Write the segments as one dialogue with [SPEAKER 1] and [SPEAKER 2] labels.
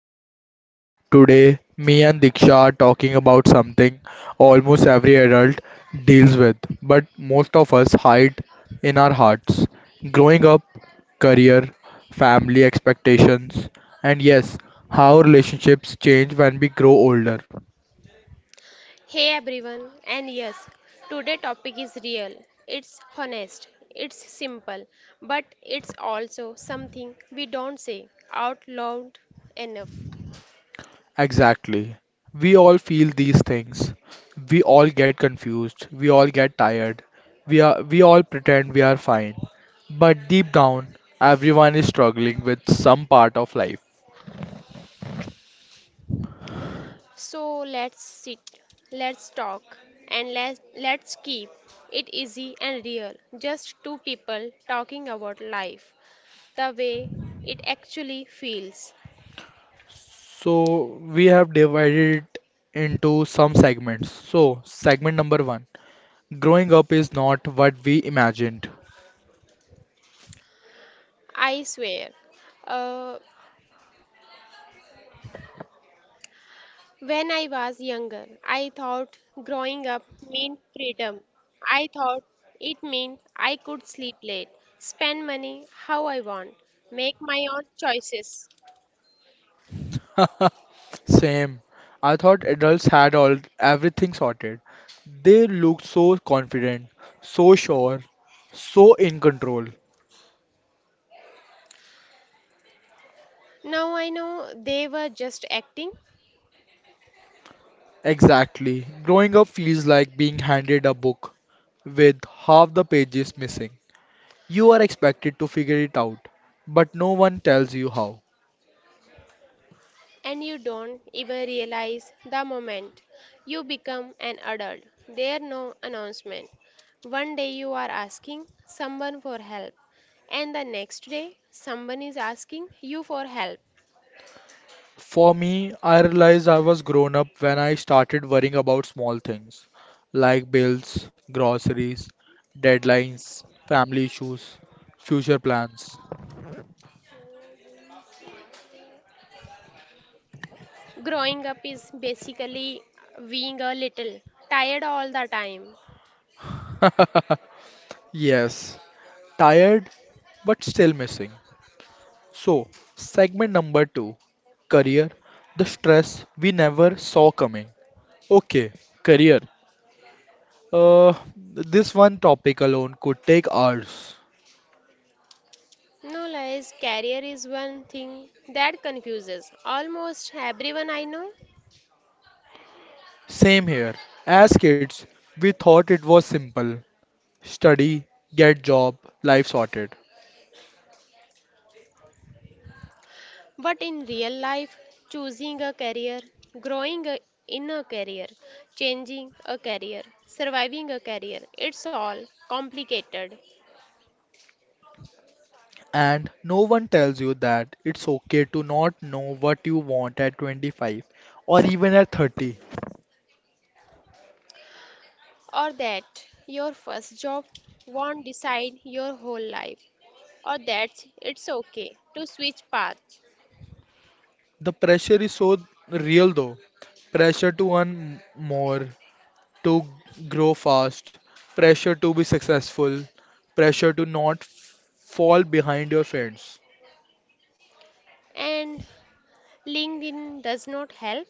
[SPEAKER 1] podcast. Today, me and Diksha are talking about something almost every adult deals with, but most of us hide in our hearts. Growing up, career, family expectations, and yes, how relationships change when we grow older.
[SPEAKER 2] Hey everyone, and yes, today topic is real. It's honest, it's simple, but it's also something we don't say out loud enough.
[SPEAKER 1] Exactly. We all feel these things. We all get confused. We all get tired. We all pretend we are fine. But deep down, everyone is struggling with some part of life.
[SPEAKER 2] So let's sit, let's talk, and let's keep it easy and real. Just two people talking about life, the way it actually feels.
[SPEAKER 1] So we have divided it into some segments. So segment number one, growing up is not what we imagined.
[SPEAKER 2] I swear. Uh, When I was younger, I thought growing up meant freedom. I thought it meant I could sleep late, spend money how I want, make my own choices.
[SPEAKER 1] Same. I thought adults had all everything sorted. They looked so confident, so sure, so in control.
[SPEAKER 2] Now I know they were just acting,
[SPEAKER 1] Exactly. Growing up feels like being handed a book with half the pages missing. You are expected to figure it out, but no one tells you how.
[SPEAKER 2] and you don't even realize the moment you become an adult. There no announcement. One day you are asking someone for help, and the next day someone is asking you for help.
[SPEAKER 1] For me, I realized I was grown up when I started worrying about small things like bills, groceries, deadlines, family issues, future plans.
[SPEAKER 2] Growing up is basically being a little tired all the time.
[SPEAKER 1] Yes, tired but still missing. So, segment number two, career, the stress we never saw coming. Okay, career. This one topic alone could take hours.
[SPEAKER 2] No lies, career is one thing that confuses almost everyone I know.
[SPEAKER 1] Same here. As kids, we thought it was simple: study, get job, life sorted.
[SPEAKER 2] But in real life, choosing a career, growing a- in a career, changing a career, surviving a career, it's all complicated.
[SPEAKER 1] And no one tells you that it's okay to not know what you want at 25 or even at 30.
[SPEAKER 2] Or that your first job won't decide your whole life, or that it's okay to switch paths.
[SPEAKER 1] The pressure is so real though. Pressure to earn more, to grow fast, pressure to be successful, pressure to not fall behind your friends.
[SPEAKER 2] And LinkedIn does not help.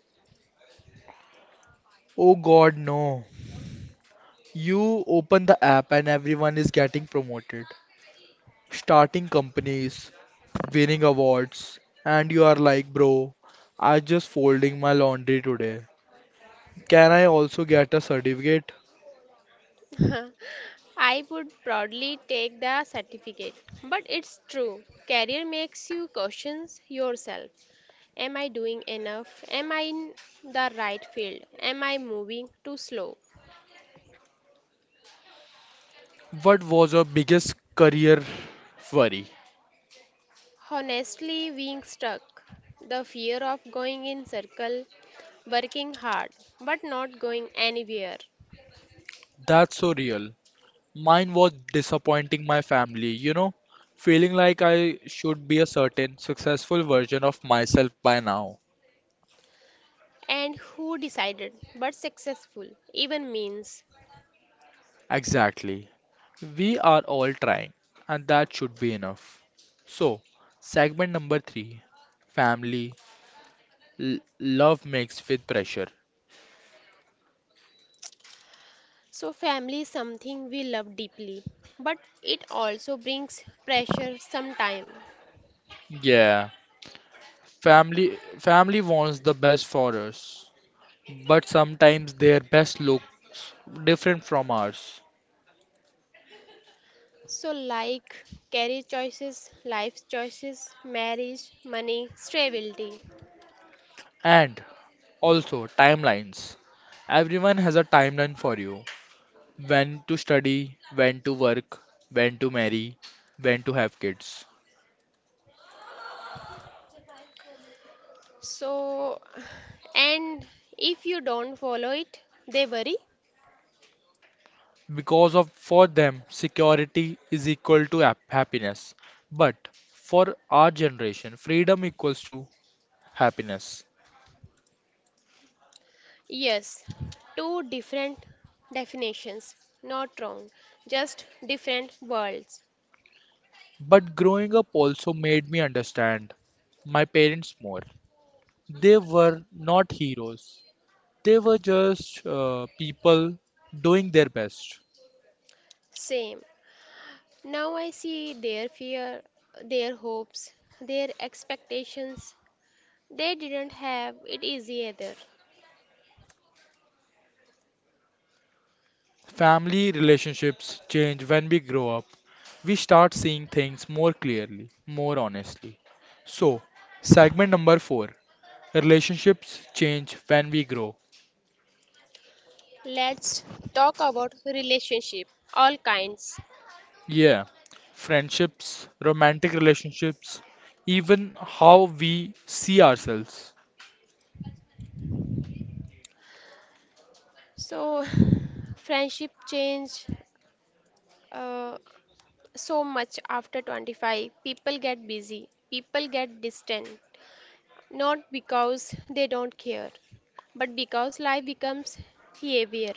[SPEAKER 1] Oh god, no. You open the app and everyone is getting promoted, starting companies, winning awards, and you are like, bro, I just folding my laundry today. Can I also get a certificate?
[SPEAKER 2] I would proudly take the certificate. But it's true. Career makes you question yourself. Am I doing enough? Am I in the right field? Am I moving too slow?
[SPEAKER 1] What was your biggest career worry?
[SPEAKER 2] Honestly, being stuck, the fear of going in circle, working hard but not going anywhere.
[SPEAKER 1] That's so real. Mine was disappointing my family, you know, feeling like I should be a certain successful version of myself by now.
[SPEAKER 2] And who decided but successful even means.
[SPEAKER 1] Exactly. We are all trying, and that should be enough. So, segment number three, family L- love mixed with pressure.
[SPEAKER 2] So, family is something we love deeply, but it also brings pressure sometimes.
[SPEAKER 1] Yeah, family family wants the best for us, but sometimes their best looks different from ours.
[SPEAKER 2] So, like career choices, life choices, marriage, money, stability.
[SPEAKER 1] And also timelines. Everyone has a timeline for you. When to study, when to work, when to marry, when to have kids.
[SPEAKER 2] So, and if you don't follow it, they worry.
[SPEAKER 1] Because of for them, security is equal to happiness. But for our generation, freedom equals to happiness.
[SPEAKER 2] Yes, two different definitions, not wrong, just different worlds.
[SPEAKER 1] But growing up also made me understand my parents more. They were not heroes, they were just people doing their best.
[SPEAKER 2] Same. Now I see their fear, their hopes, their expectations. They didn't have it easy either.
[SPEAKER 1] Family relationships change when we grow up. We start seeing things more clearly, more honestly. So, segment number four, relationships change when we grow.
[SPEAKER 2] Let's talk about relationship, all kinds.
[SPEAKER 1] Yeah, friendships, romantic relationships, even how we see ourselves.
[SPEAKER 2] So, friendship change uh, so much after 25. People get busy, people get distant, not because they don't care, but because life becomes heavier.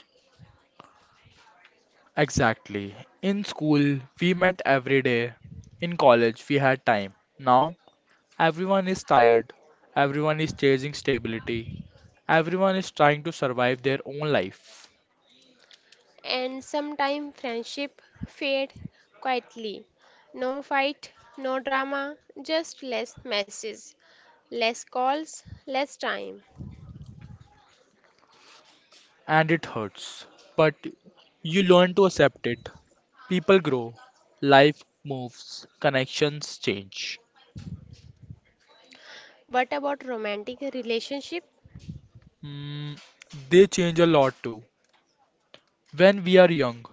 [SPEAKER 1] Exactly. In school, we met every day. In college, we had time. Now, everyone is tired. Everyone is chasing stability. Everyone is trying to survive their own life.
[SPEAKER 2] And sometimes friendship fade quietly. No fight, no drama, just less messages, less calls, less time.
[SPEAKER 1] And it hurts. But you learn to accept it. People grow. Life moves. Connections change.
[SPEAKER 2] But about romantic relationship?
[SPEAKER 1] Mm, they change a lot too. When we are young,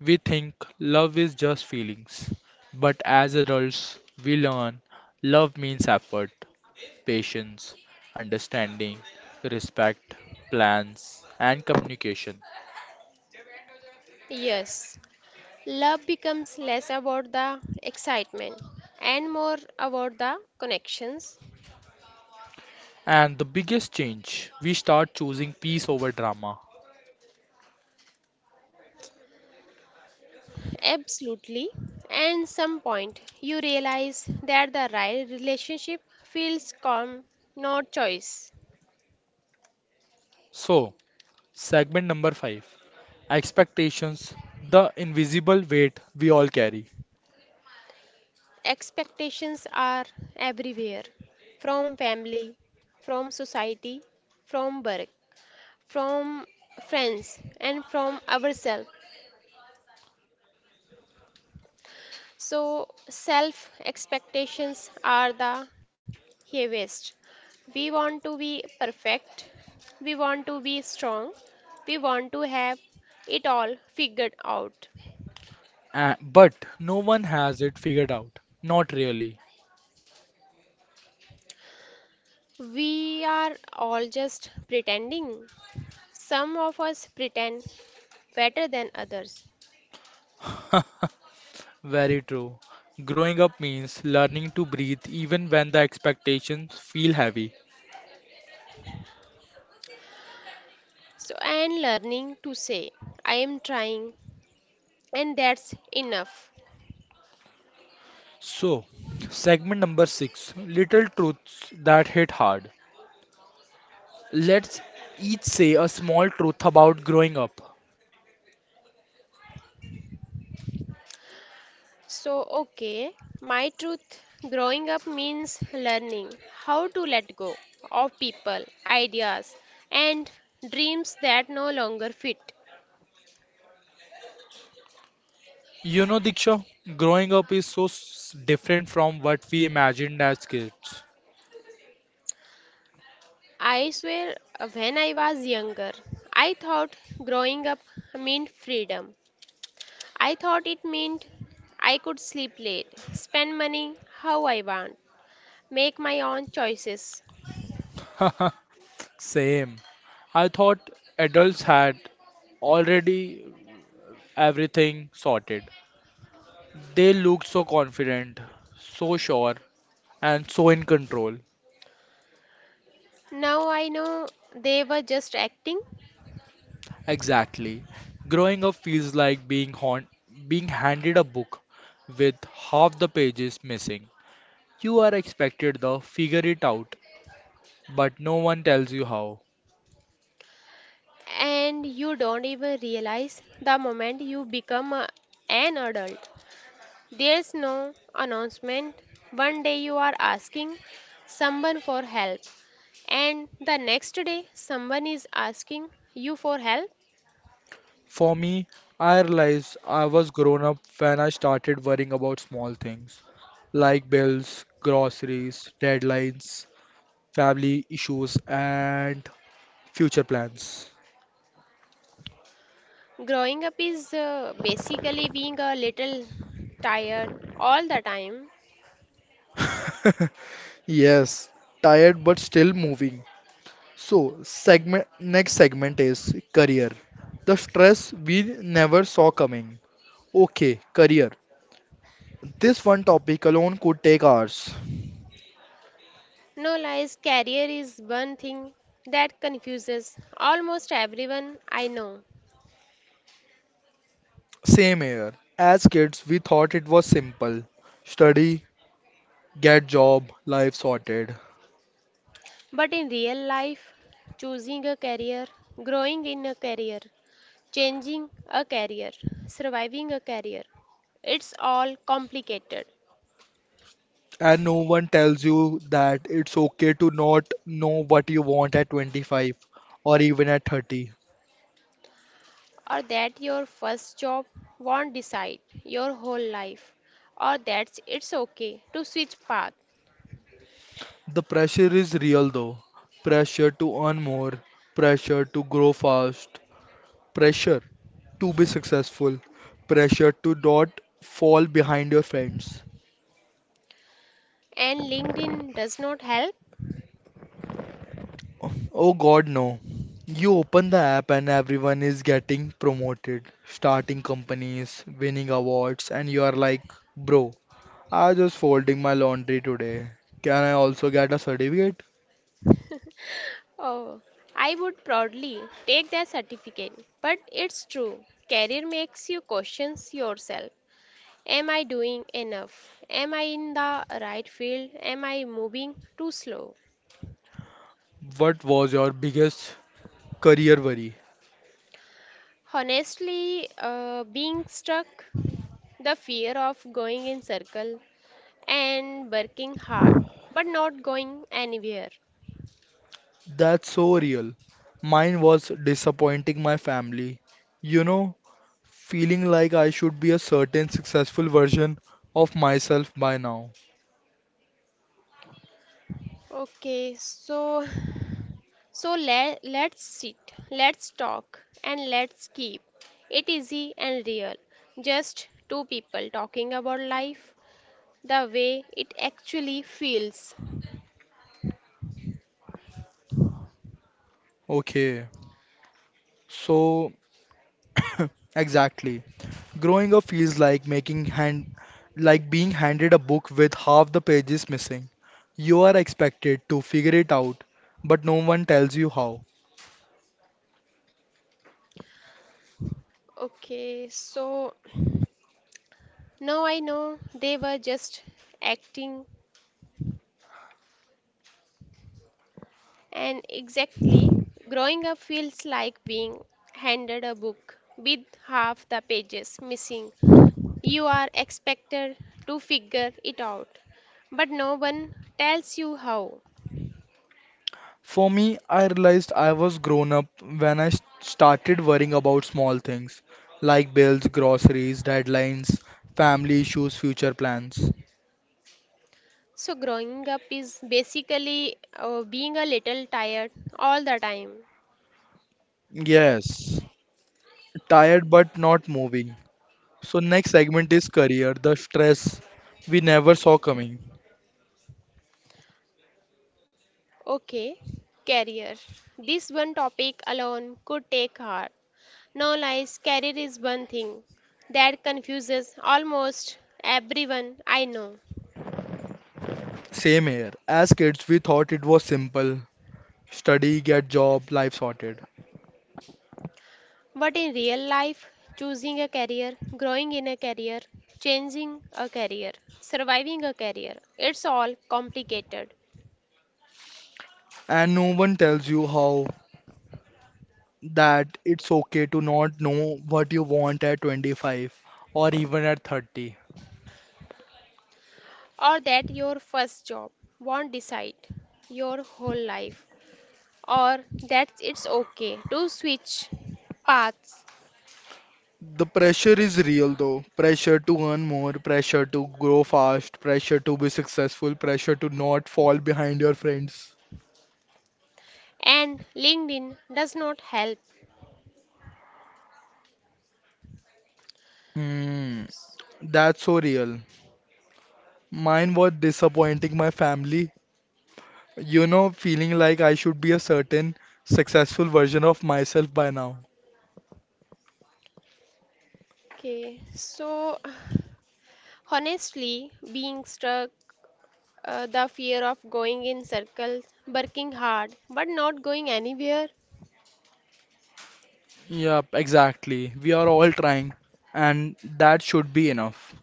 [SPEAKER 1] we think love is just feelings. But as adults, we learn love means effort, patience, understanding, respect, plans, and communication.
[SPEAKER 2] Yes, love becomes less about the excitement and more about the connections.
[SPEAKER 1] And the biggest change, we start choosing peace over drama.
[SPEAKER 2] Absolutely. And some point you realize that the right relationship feels calm, not choice.
[SPEAKER 1] So, segment number 5, expectations, the invisible weight we all carry.
[SPEAKER 2] Expectations are everywhere, from family, from society, from work, from friends, and from ourselves. So, self expectations are the heaviest. We want to be perfect, we want to be strong, we want to have it all figured out.
[SPEAKER 1] But no one has it figured out. Not really.
[SPEAKER 2] We are all just pretending. Some of us pretend better than others.
[SPEAKER 1] Very true. Growing up means learning to breathe even when the expectations feel heavy.
[SPEAKER 2] So and learning to say I am trying and that's enough.
[SPEAKER 1] So, segment number six, little truths that hit hard. Let's each say a small truth about growing up.
[SPEAKER 2] So okay, my truth growing up means learning how to let go of people, ideas and dreams that no longer fit.
[SPEAKER 1] You know, Diksha, growing up is so different from what we imagined as kids.
[SPEAKER 2] I swear when I was younger, I thought growing up meant freedom. I thought it meant I could sleep late, spend money how I want, make my own choices.
[SPEAKER 1] Same. I thought adults had already everything sorted. They looked so confident, so sure, and so in control.
[SPEAKER 2] Now I know they were just acting,
[SPEAKER 1] Exactly. Growing up feels like being handed a book with half the pages missing. You are expected to figure it out, but no one tells you how.
[SPEAKER 2] and you don't even realize the moment you become an adult. There's no announcement. One day you are asking someone for help, and the next day someone is asking you for help.
[SPEAKER 1] For me, I realized I was grown up when I started worrying about small things like bills, groceries, deadlines, family issues, and future plans.
[SPEAKER 2] Growing up is basically being a little tired all the time.
[SPEAKER 1] Yes, tired but still moving. So, segment next segment is career. The stress we never saw coming. Okay, career. This one topic alone could take hours.
[SPEAKER 2] No lies, career is one thing that confuses almost everyone I know.
[SPEAKER 1] Same here. As kids, we thought it was simple. Study, get job, life sorted.
[SPEAKER 2] But in real life, choosing a career, growing in a career, changing a career, surviving a career, it's all complicated.
[SPEAKER 1] And no one tells you that it's okay to not know what you want at 25 or even at 30.
[SPEAKER 2] Or that your first job won't decide your whole life, or that it's okay to switch path,
[SPEAKER 1] The pressure is real though. Pressure to earn more, pressure to grow fast, pressure to be successful, pressure to not fall behind your friends.
[SPEAKER 2] and LinkedIn does not help.
[SPEAKER 1] Oh God, no. You open the app and everyone is getting promoted, starting companies, winning awards, and you are like, bro, I just folding my laundry today. Can I also get a certificate?
[SPEAKER 2] Oh, I would proudly take that certificate, but it's true. Career makes you question yourself. Am I doing enough? Am I in the right field? Am I moving too slow?
[SPEAKER 1] What was your biggest career worry?
[SPEAKER 2] Honestly, being stuck, the fear of going in circle and working hard but not going anywhere.
[SPEAKER 1] That's so real. Mine was disappointing my family. You know, feeling like I should be a certain successful version of myself by now.
[SPEAKER 2] Okay, so let's sit, let's talk, and let's keep it easy and real. Just two people talking about life the way it actually feels.
[SPEAKER 1] Okay, so exactly. Growing up feels like making hand like being handed a book with half the pages missing. You are expected to figure it out, but no one tells you how.
[SPEAKER 2] Okay, so no, I know they were just acting, and exactly, growing up feels like being handed a book with half the pages missing. You are expected to figure it out, but no one tells you how.
[SPEAKER 1] For me, I realized I was grown up when I started worrying about small things like bills, groceries, deadlines, family issues, future plans.
[SPEAKER 2] So, growing up is basically being a little tired all the time.
[SPEAKER 1] Yes, tired but not moving. So, next segment is career, the stress we never saw coming.
[SPEAKER 2] Okay, career. This one topic alone could take hours. No lies, career is one thing that confuses almost everyone I know.
[SPEAKER 1] Same here. As kids, we thought it was simple: study, get job, life sorted.
[SPEAKER 2] But in real life, choosing a career, growing in a career, changing a career, surviving a career, it's all complicated.
[SPEAKER 1] And no one tells you how that it's okay to not know what you want at 25 or even at 30.
[SPEAKER 2] Or that your first job won't decide your whole life, or that it's okay to switch paths,
[SPEAKER 1] The pressure is real though, pressure to earn more, pressure to grow fast, pressure to be successful, pressure to not fall behind your friends.
[SPEAKER 2] and LinkedIn does not help.
[SPEAKER 1] Hmm. That's so real. Mine was disappointing my family. You know, feeling like I should be a certain successful version of myself by now.
[SPEAKER 2] Okay, so. Honestly, being stuck, the fear of going in circles, working hard but not going anywhere,
[SPEAKER 1] Yep, exactly. We are all trying, and that should be enough.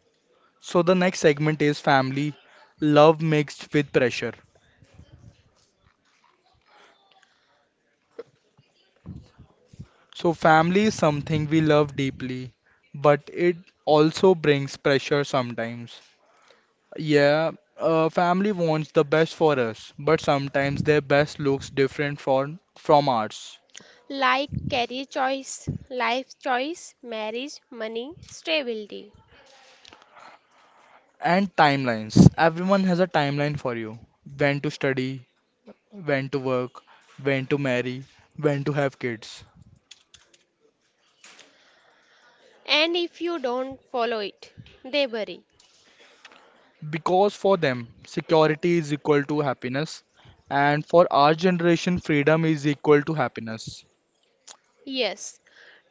[SPEAKER 1] So the next segment is family, love mixed with pressure. So family is something we love deeply, but it also brings pressure sometimes. Yeah, family wants the best for us, but sometimes their best looks different from ours.
[SPEAKER 2] like career choice, life choice, marriage, money, stability.
[SPEAKER 1] And timelines. Everyone has a timeline for you. When to study, when to work, when to marry, when to have kids.
[SPEAKER 2] And if you don't follow it, they worry.
[SPEAKER 1] Because for them, security is equal to happiness, and for our generation, freedom is equal to happiness.
[SPEAKER 2] Yes,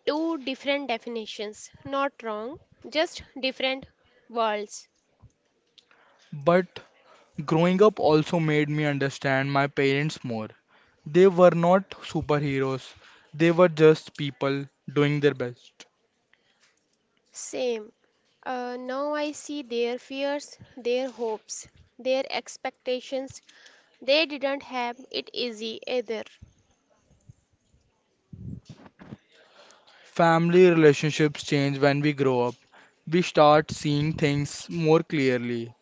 [SPEAKER 2] two different definitions, not wrong, just different worlds.
[SPEAKER 1] But growing up also made me understand my parents more. They were not superheroes, they were just people doing their best.
[SPEAKER 2] Same. Now I see their fears, their hopes, their expectations. They didn't have it easy either.
[SPEAKER 1] Family relationships change when we grow up. We start seeing things more clearly,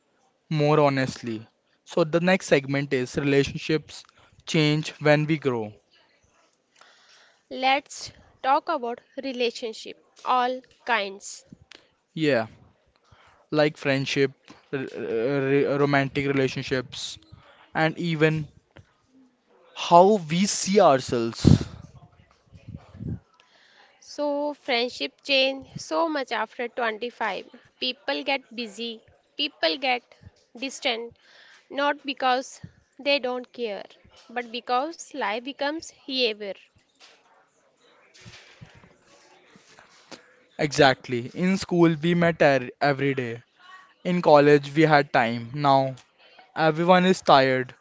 [SPEAKER 1] more honestly. So the next segment is relationships change when we grow.
[SPEAKER 2] Let's talk about relationship, all kinds.
[SPEAKER 1] Yeah. Like friendship, r- r- romantic relationships, and even how we see ourselves.
[SPEAKER 2] So friendship change so much after 25. People get busy, people get distant, not because they don't care, but because life becomes heavier.
[SPEAKER 1] Exactly. In school, we met every day. In college, we had time. Now, everyone is tired.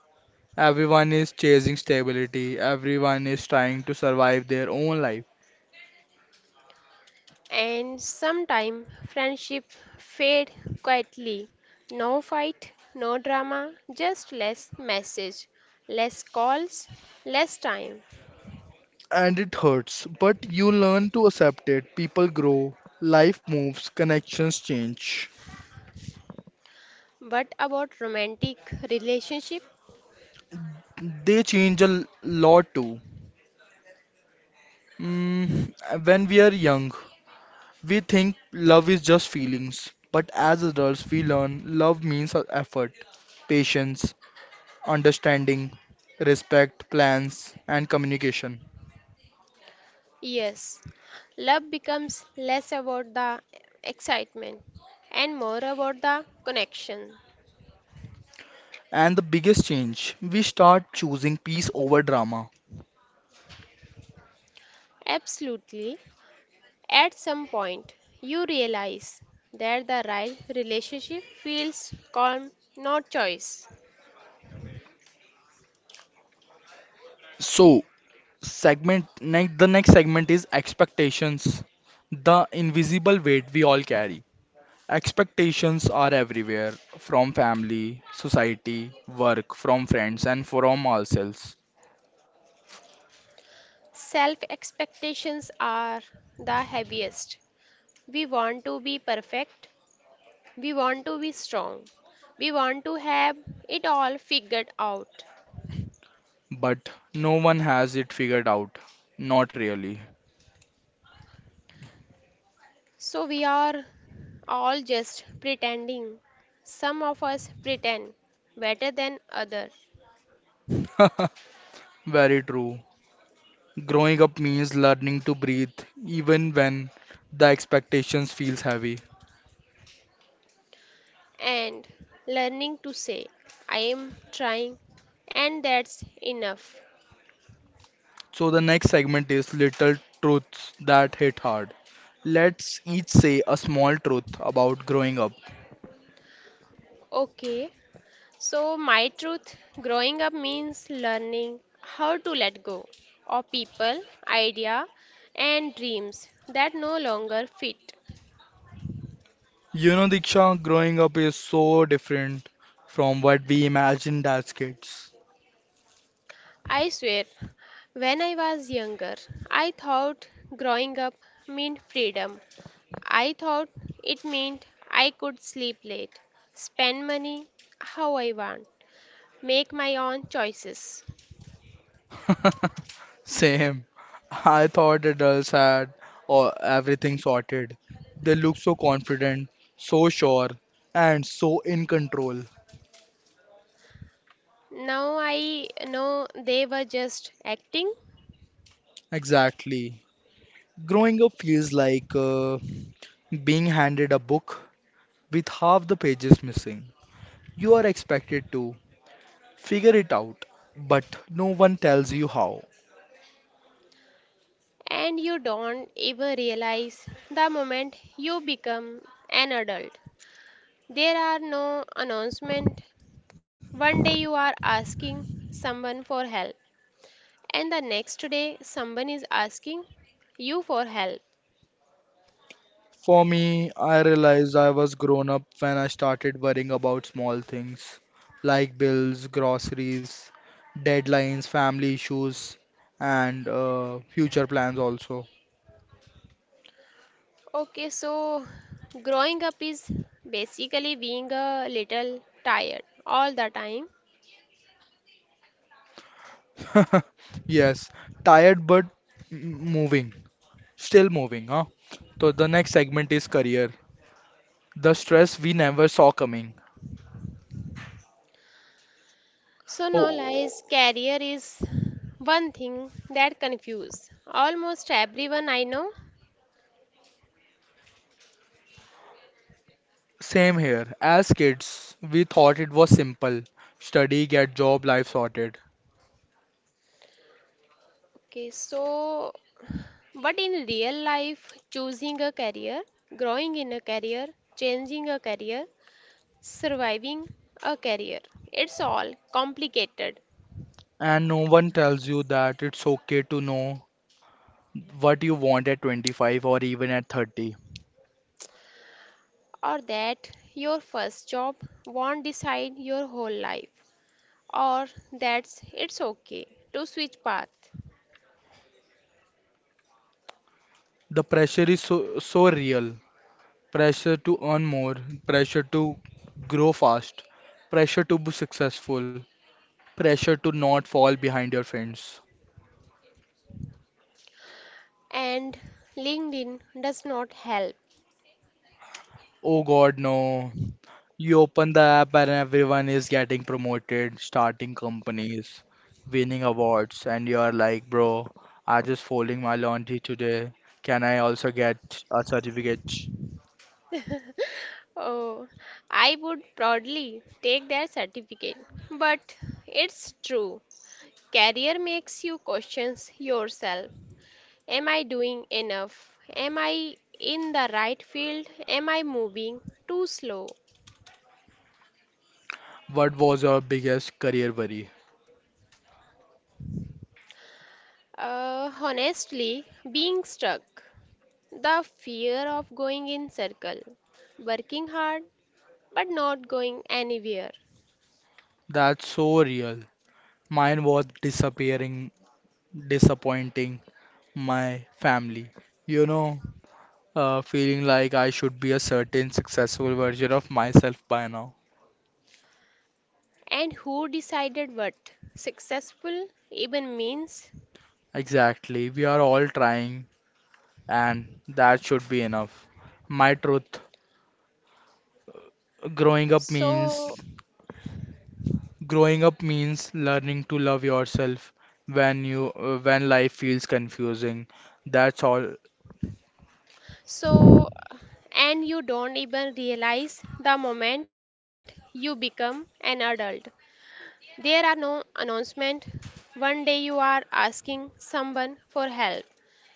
[SPEAKER 1] Everyone is chasing stability. Everyone is trying to survive their own life.
[SPEAKER 2] And sometimes friendship fade quietly. No fight, no drama, just less message, less calls, less time.
[SPEAKER 1] And it hurts, but you learn to accept it. People grow, life moves, connections change.
[SPEAKER 2] But about romantic relationship,
[SPEAKER 1] They change a lot too. Mm, when we are young, we think love is just feelings, but as adults, we learn love means effort, patience, understanding, respect, plans, and communication.
[SPEAKER 2] yes, love becomes less about the excitement and more about the connection.
[SPEAKER 1] And the biggest change, we start choosing peace over drama.
[SPEAKER 2] Absolutely. At some point, you realize that the right relationship feels calm, not choice.
[SPEAKER 1] So, the next segment is expectations, the invisible weight we all carry. Expectations are everywhere, from family, society, work, from friends, and from ourselves.
[SPEAKER 2] Self expectations are the heaviest. We want to be perfect. We want to be strong. We want to have it all figured out.
[SPEAKER 1] But no one has it figured out. Not really.
[SPEAKER 2] So we are all just pretending. Some of us pretend better than others.
[SPEAKER 1] Very true. Growing up means learning to breathe even when the expectations feels heavy.
[SPEAKER 2] And learning to say I am trying and that's enough.
[SPEAKER 1] So the next segment is little truths that hit hard. Let's each say a small truth about growing up.
[SPEAKER 2] Okay, so, my truth growing up means learning how to let go of people, idea, and dreams that no longer fit.
[SPEAKER 1] You know, Diksha, growing up is so different from what we imagined as kids.
[SPEAKER 2] I swear, when I was younger, I thought growing up meant freedom. I thought it meant I could sleep late, spend money how I want, make my own choices.
[SPEAKER 1] Same. I thought adults had or everything sorted. They look so confident, so sure, and so in control.
[SPEAKER 2] Now I know they were just acting
[SPEAKER 1] Exactly. Growing up feels like being handed a book with half the pages missing. You are expected to figure it out, but no one tells you how.
[SPEAKER 2] and you don't ever realize the moment you become an adult. There are no announcements. One day you are asking someone for help, and the next day someone is asking you for help.
[SPEAKER 1] For me, I realized I was grown up when I started worrying about small things like bills, groceries, deadlines, family issues, and future plans also.
[SPEAKER 2] Okay, so growing up is basically being a little tired all the time.
[SPEAKER 1] Yes, tired but moving, still moving, huh? So the next segment is career. The stress we never saw coming.
[SPEAKER 2] So no
[SPEAKER 1] Oh,
[SPEAKER 2] lies, career is one thing that confuses almost everyone I know.
[SPEAKER 1] same here. As kids, we thought it was simple. Study, get job, life sorted.
[SPEAKER 2] Okay, so, but in real life, choosing a career, growing in a career, changing a career, surviving a career, it's all complicated.
[SPEAKER 1] And no one tells you that it's okay to know what you want at 25 or even at 30.
[SPEAKER 2] Or that your first job won't decide your whole life, or that's it's okay to switch path.
[SPEAKER 1] The pressure is so, so real. Pressure to earn more, pressure to grow fast, pressure to be successful, pressure to not fall behind your friends.
[SPEAKER 2] And LinkedIn does not help.
[SPEAKER 1] Oh God, no. You open the app and everyone is getting promoted, starting companies, winning awards, and you are like, bro, I just folding my laundry today. Can I also get a certificate?
[SPEAKER 2] Oh, I would proudly take their certificate, but it's true. Career makes you question yourself. Am I doing enough? Am I in the right field? Am I moving too slow?
[SPEAKER 1] What was your biggest career worry?
[SPEAKER 2] Honestly, being stuck. The fear of going in circle. Working hard but not going anywhere.
[SPEAKER 1] That's so real. Mine was disappointing my family. You know, feeling like I should be a certain successful version of myself by now.
[SPEAKER 2] And who decided what successful even means?
[SPEAKER 1] Exactly. We are all trying, and that should be enough. My truth, growing up means
[SPEAKER 2] So,
[SPEAKER 1] growing up means learning to love yourself when you when life feels confusing. That's all.
[SPEAKER 2] so and you don't even realize the moment you become an adult. There are no announcement. One day you are asking someone for help,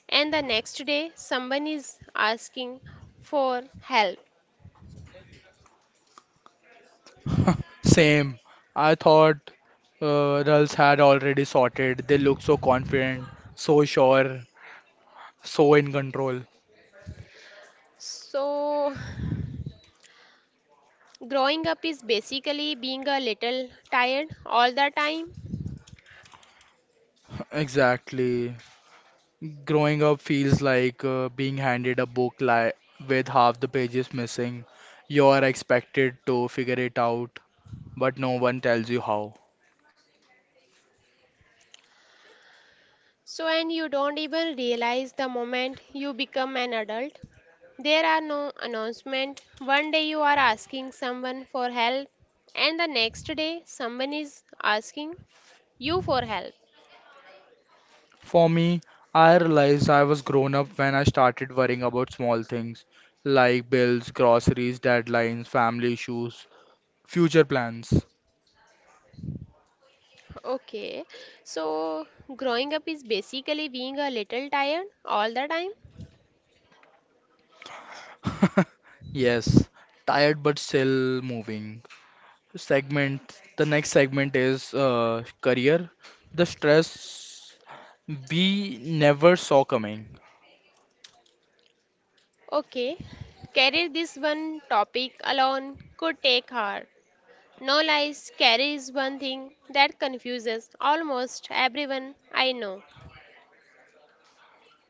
[SPEAKER 2] and the next day someone is asking for help.
[SPEAKER 1] Same. I thought Rals had already sorted. They look so confident, so sure, so in control.
[SPEAKER 2] So, growing up is basically being a little tired all the time.
[SPEAKER 1] Exactly. Growing up feels like being handed a book li with half the pages missing. You are expected to figure it out, but no one tells you how.
[SPEAKER 2] And you don't even realize the moment you become an adult. There are no announcement. One day you are asking someone for help, and the next day someone is asking you for help.
[SPEAKER 1] For me, I realized I was grown up when I started worrying about small things like bills, groceries, deadlines, family issues, future plans.
[SPEAKER 2] Okay, so growing up is basically being a little tired all the time.
[SPEAKER 1] Yes, tired but still moving. The next segment is career. The stress we never saw coming.
[SPEAKER 2] Okay, carry this one topic alone could take hard. No lies, carry is one thing that confuses almost everyone I know.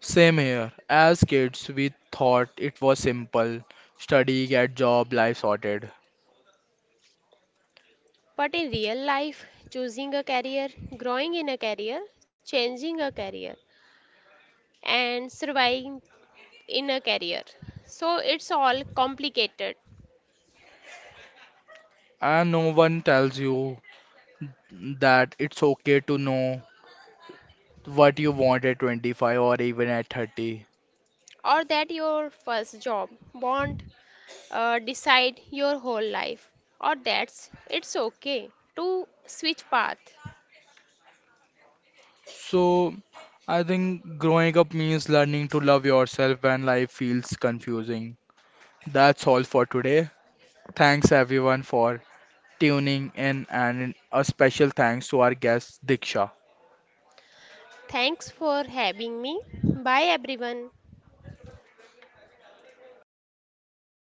[SPEAKER 1] Same here. As kids, we thought it was simple. Study, get job, life sorted.
[SPEAKER 2] But in real life, choosing a career, growing in a career, changing a career, and surviving in a career. So it's all complicated.
[SPEAKER 1] And no one tells you that it's okay to know what you want at 25 or even at 30.
[SPEAKER 2] Or that your first job, bond, decide your whole life or that's it's okay to switch path.
[SPEAKER 1] So, I think growing up means learning to love yourself when life feels confusing. That's all for today. Thanks everyone for tuning in, and a special thanks to our guest Diksha.
[SPEAKER 2] Thanks for having me. Bye everyone.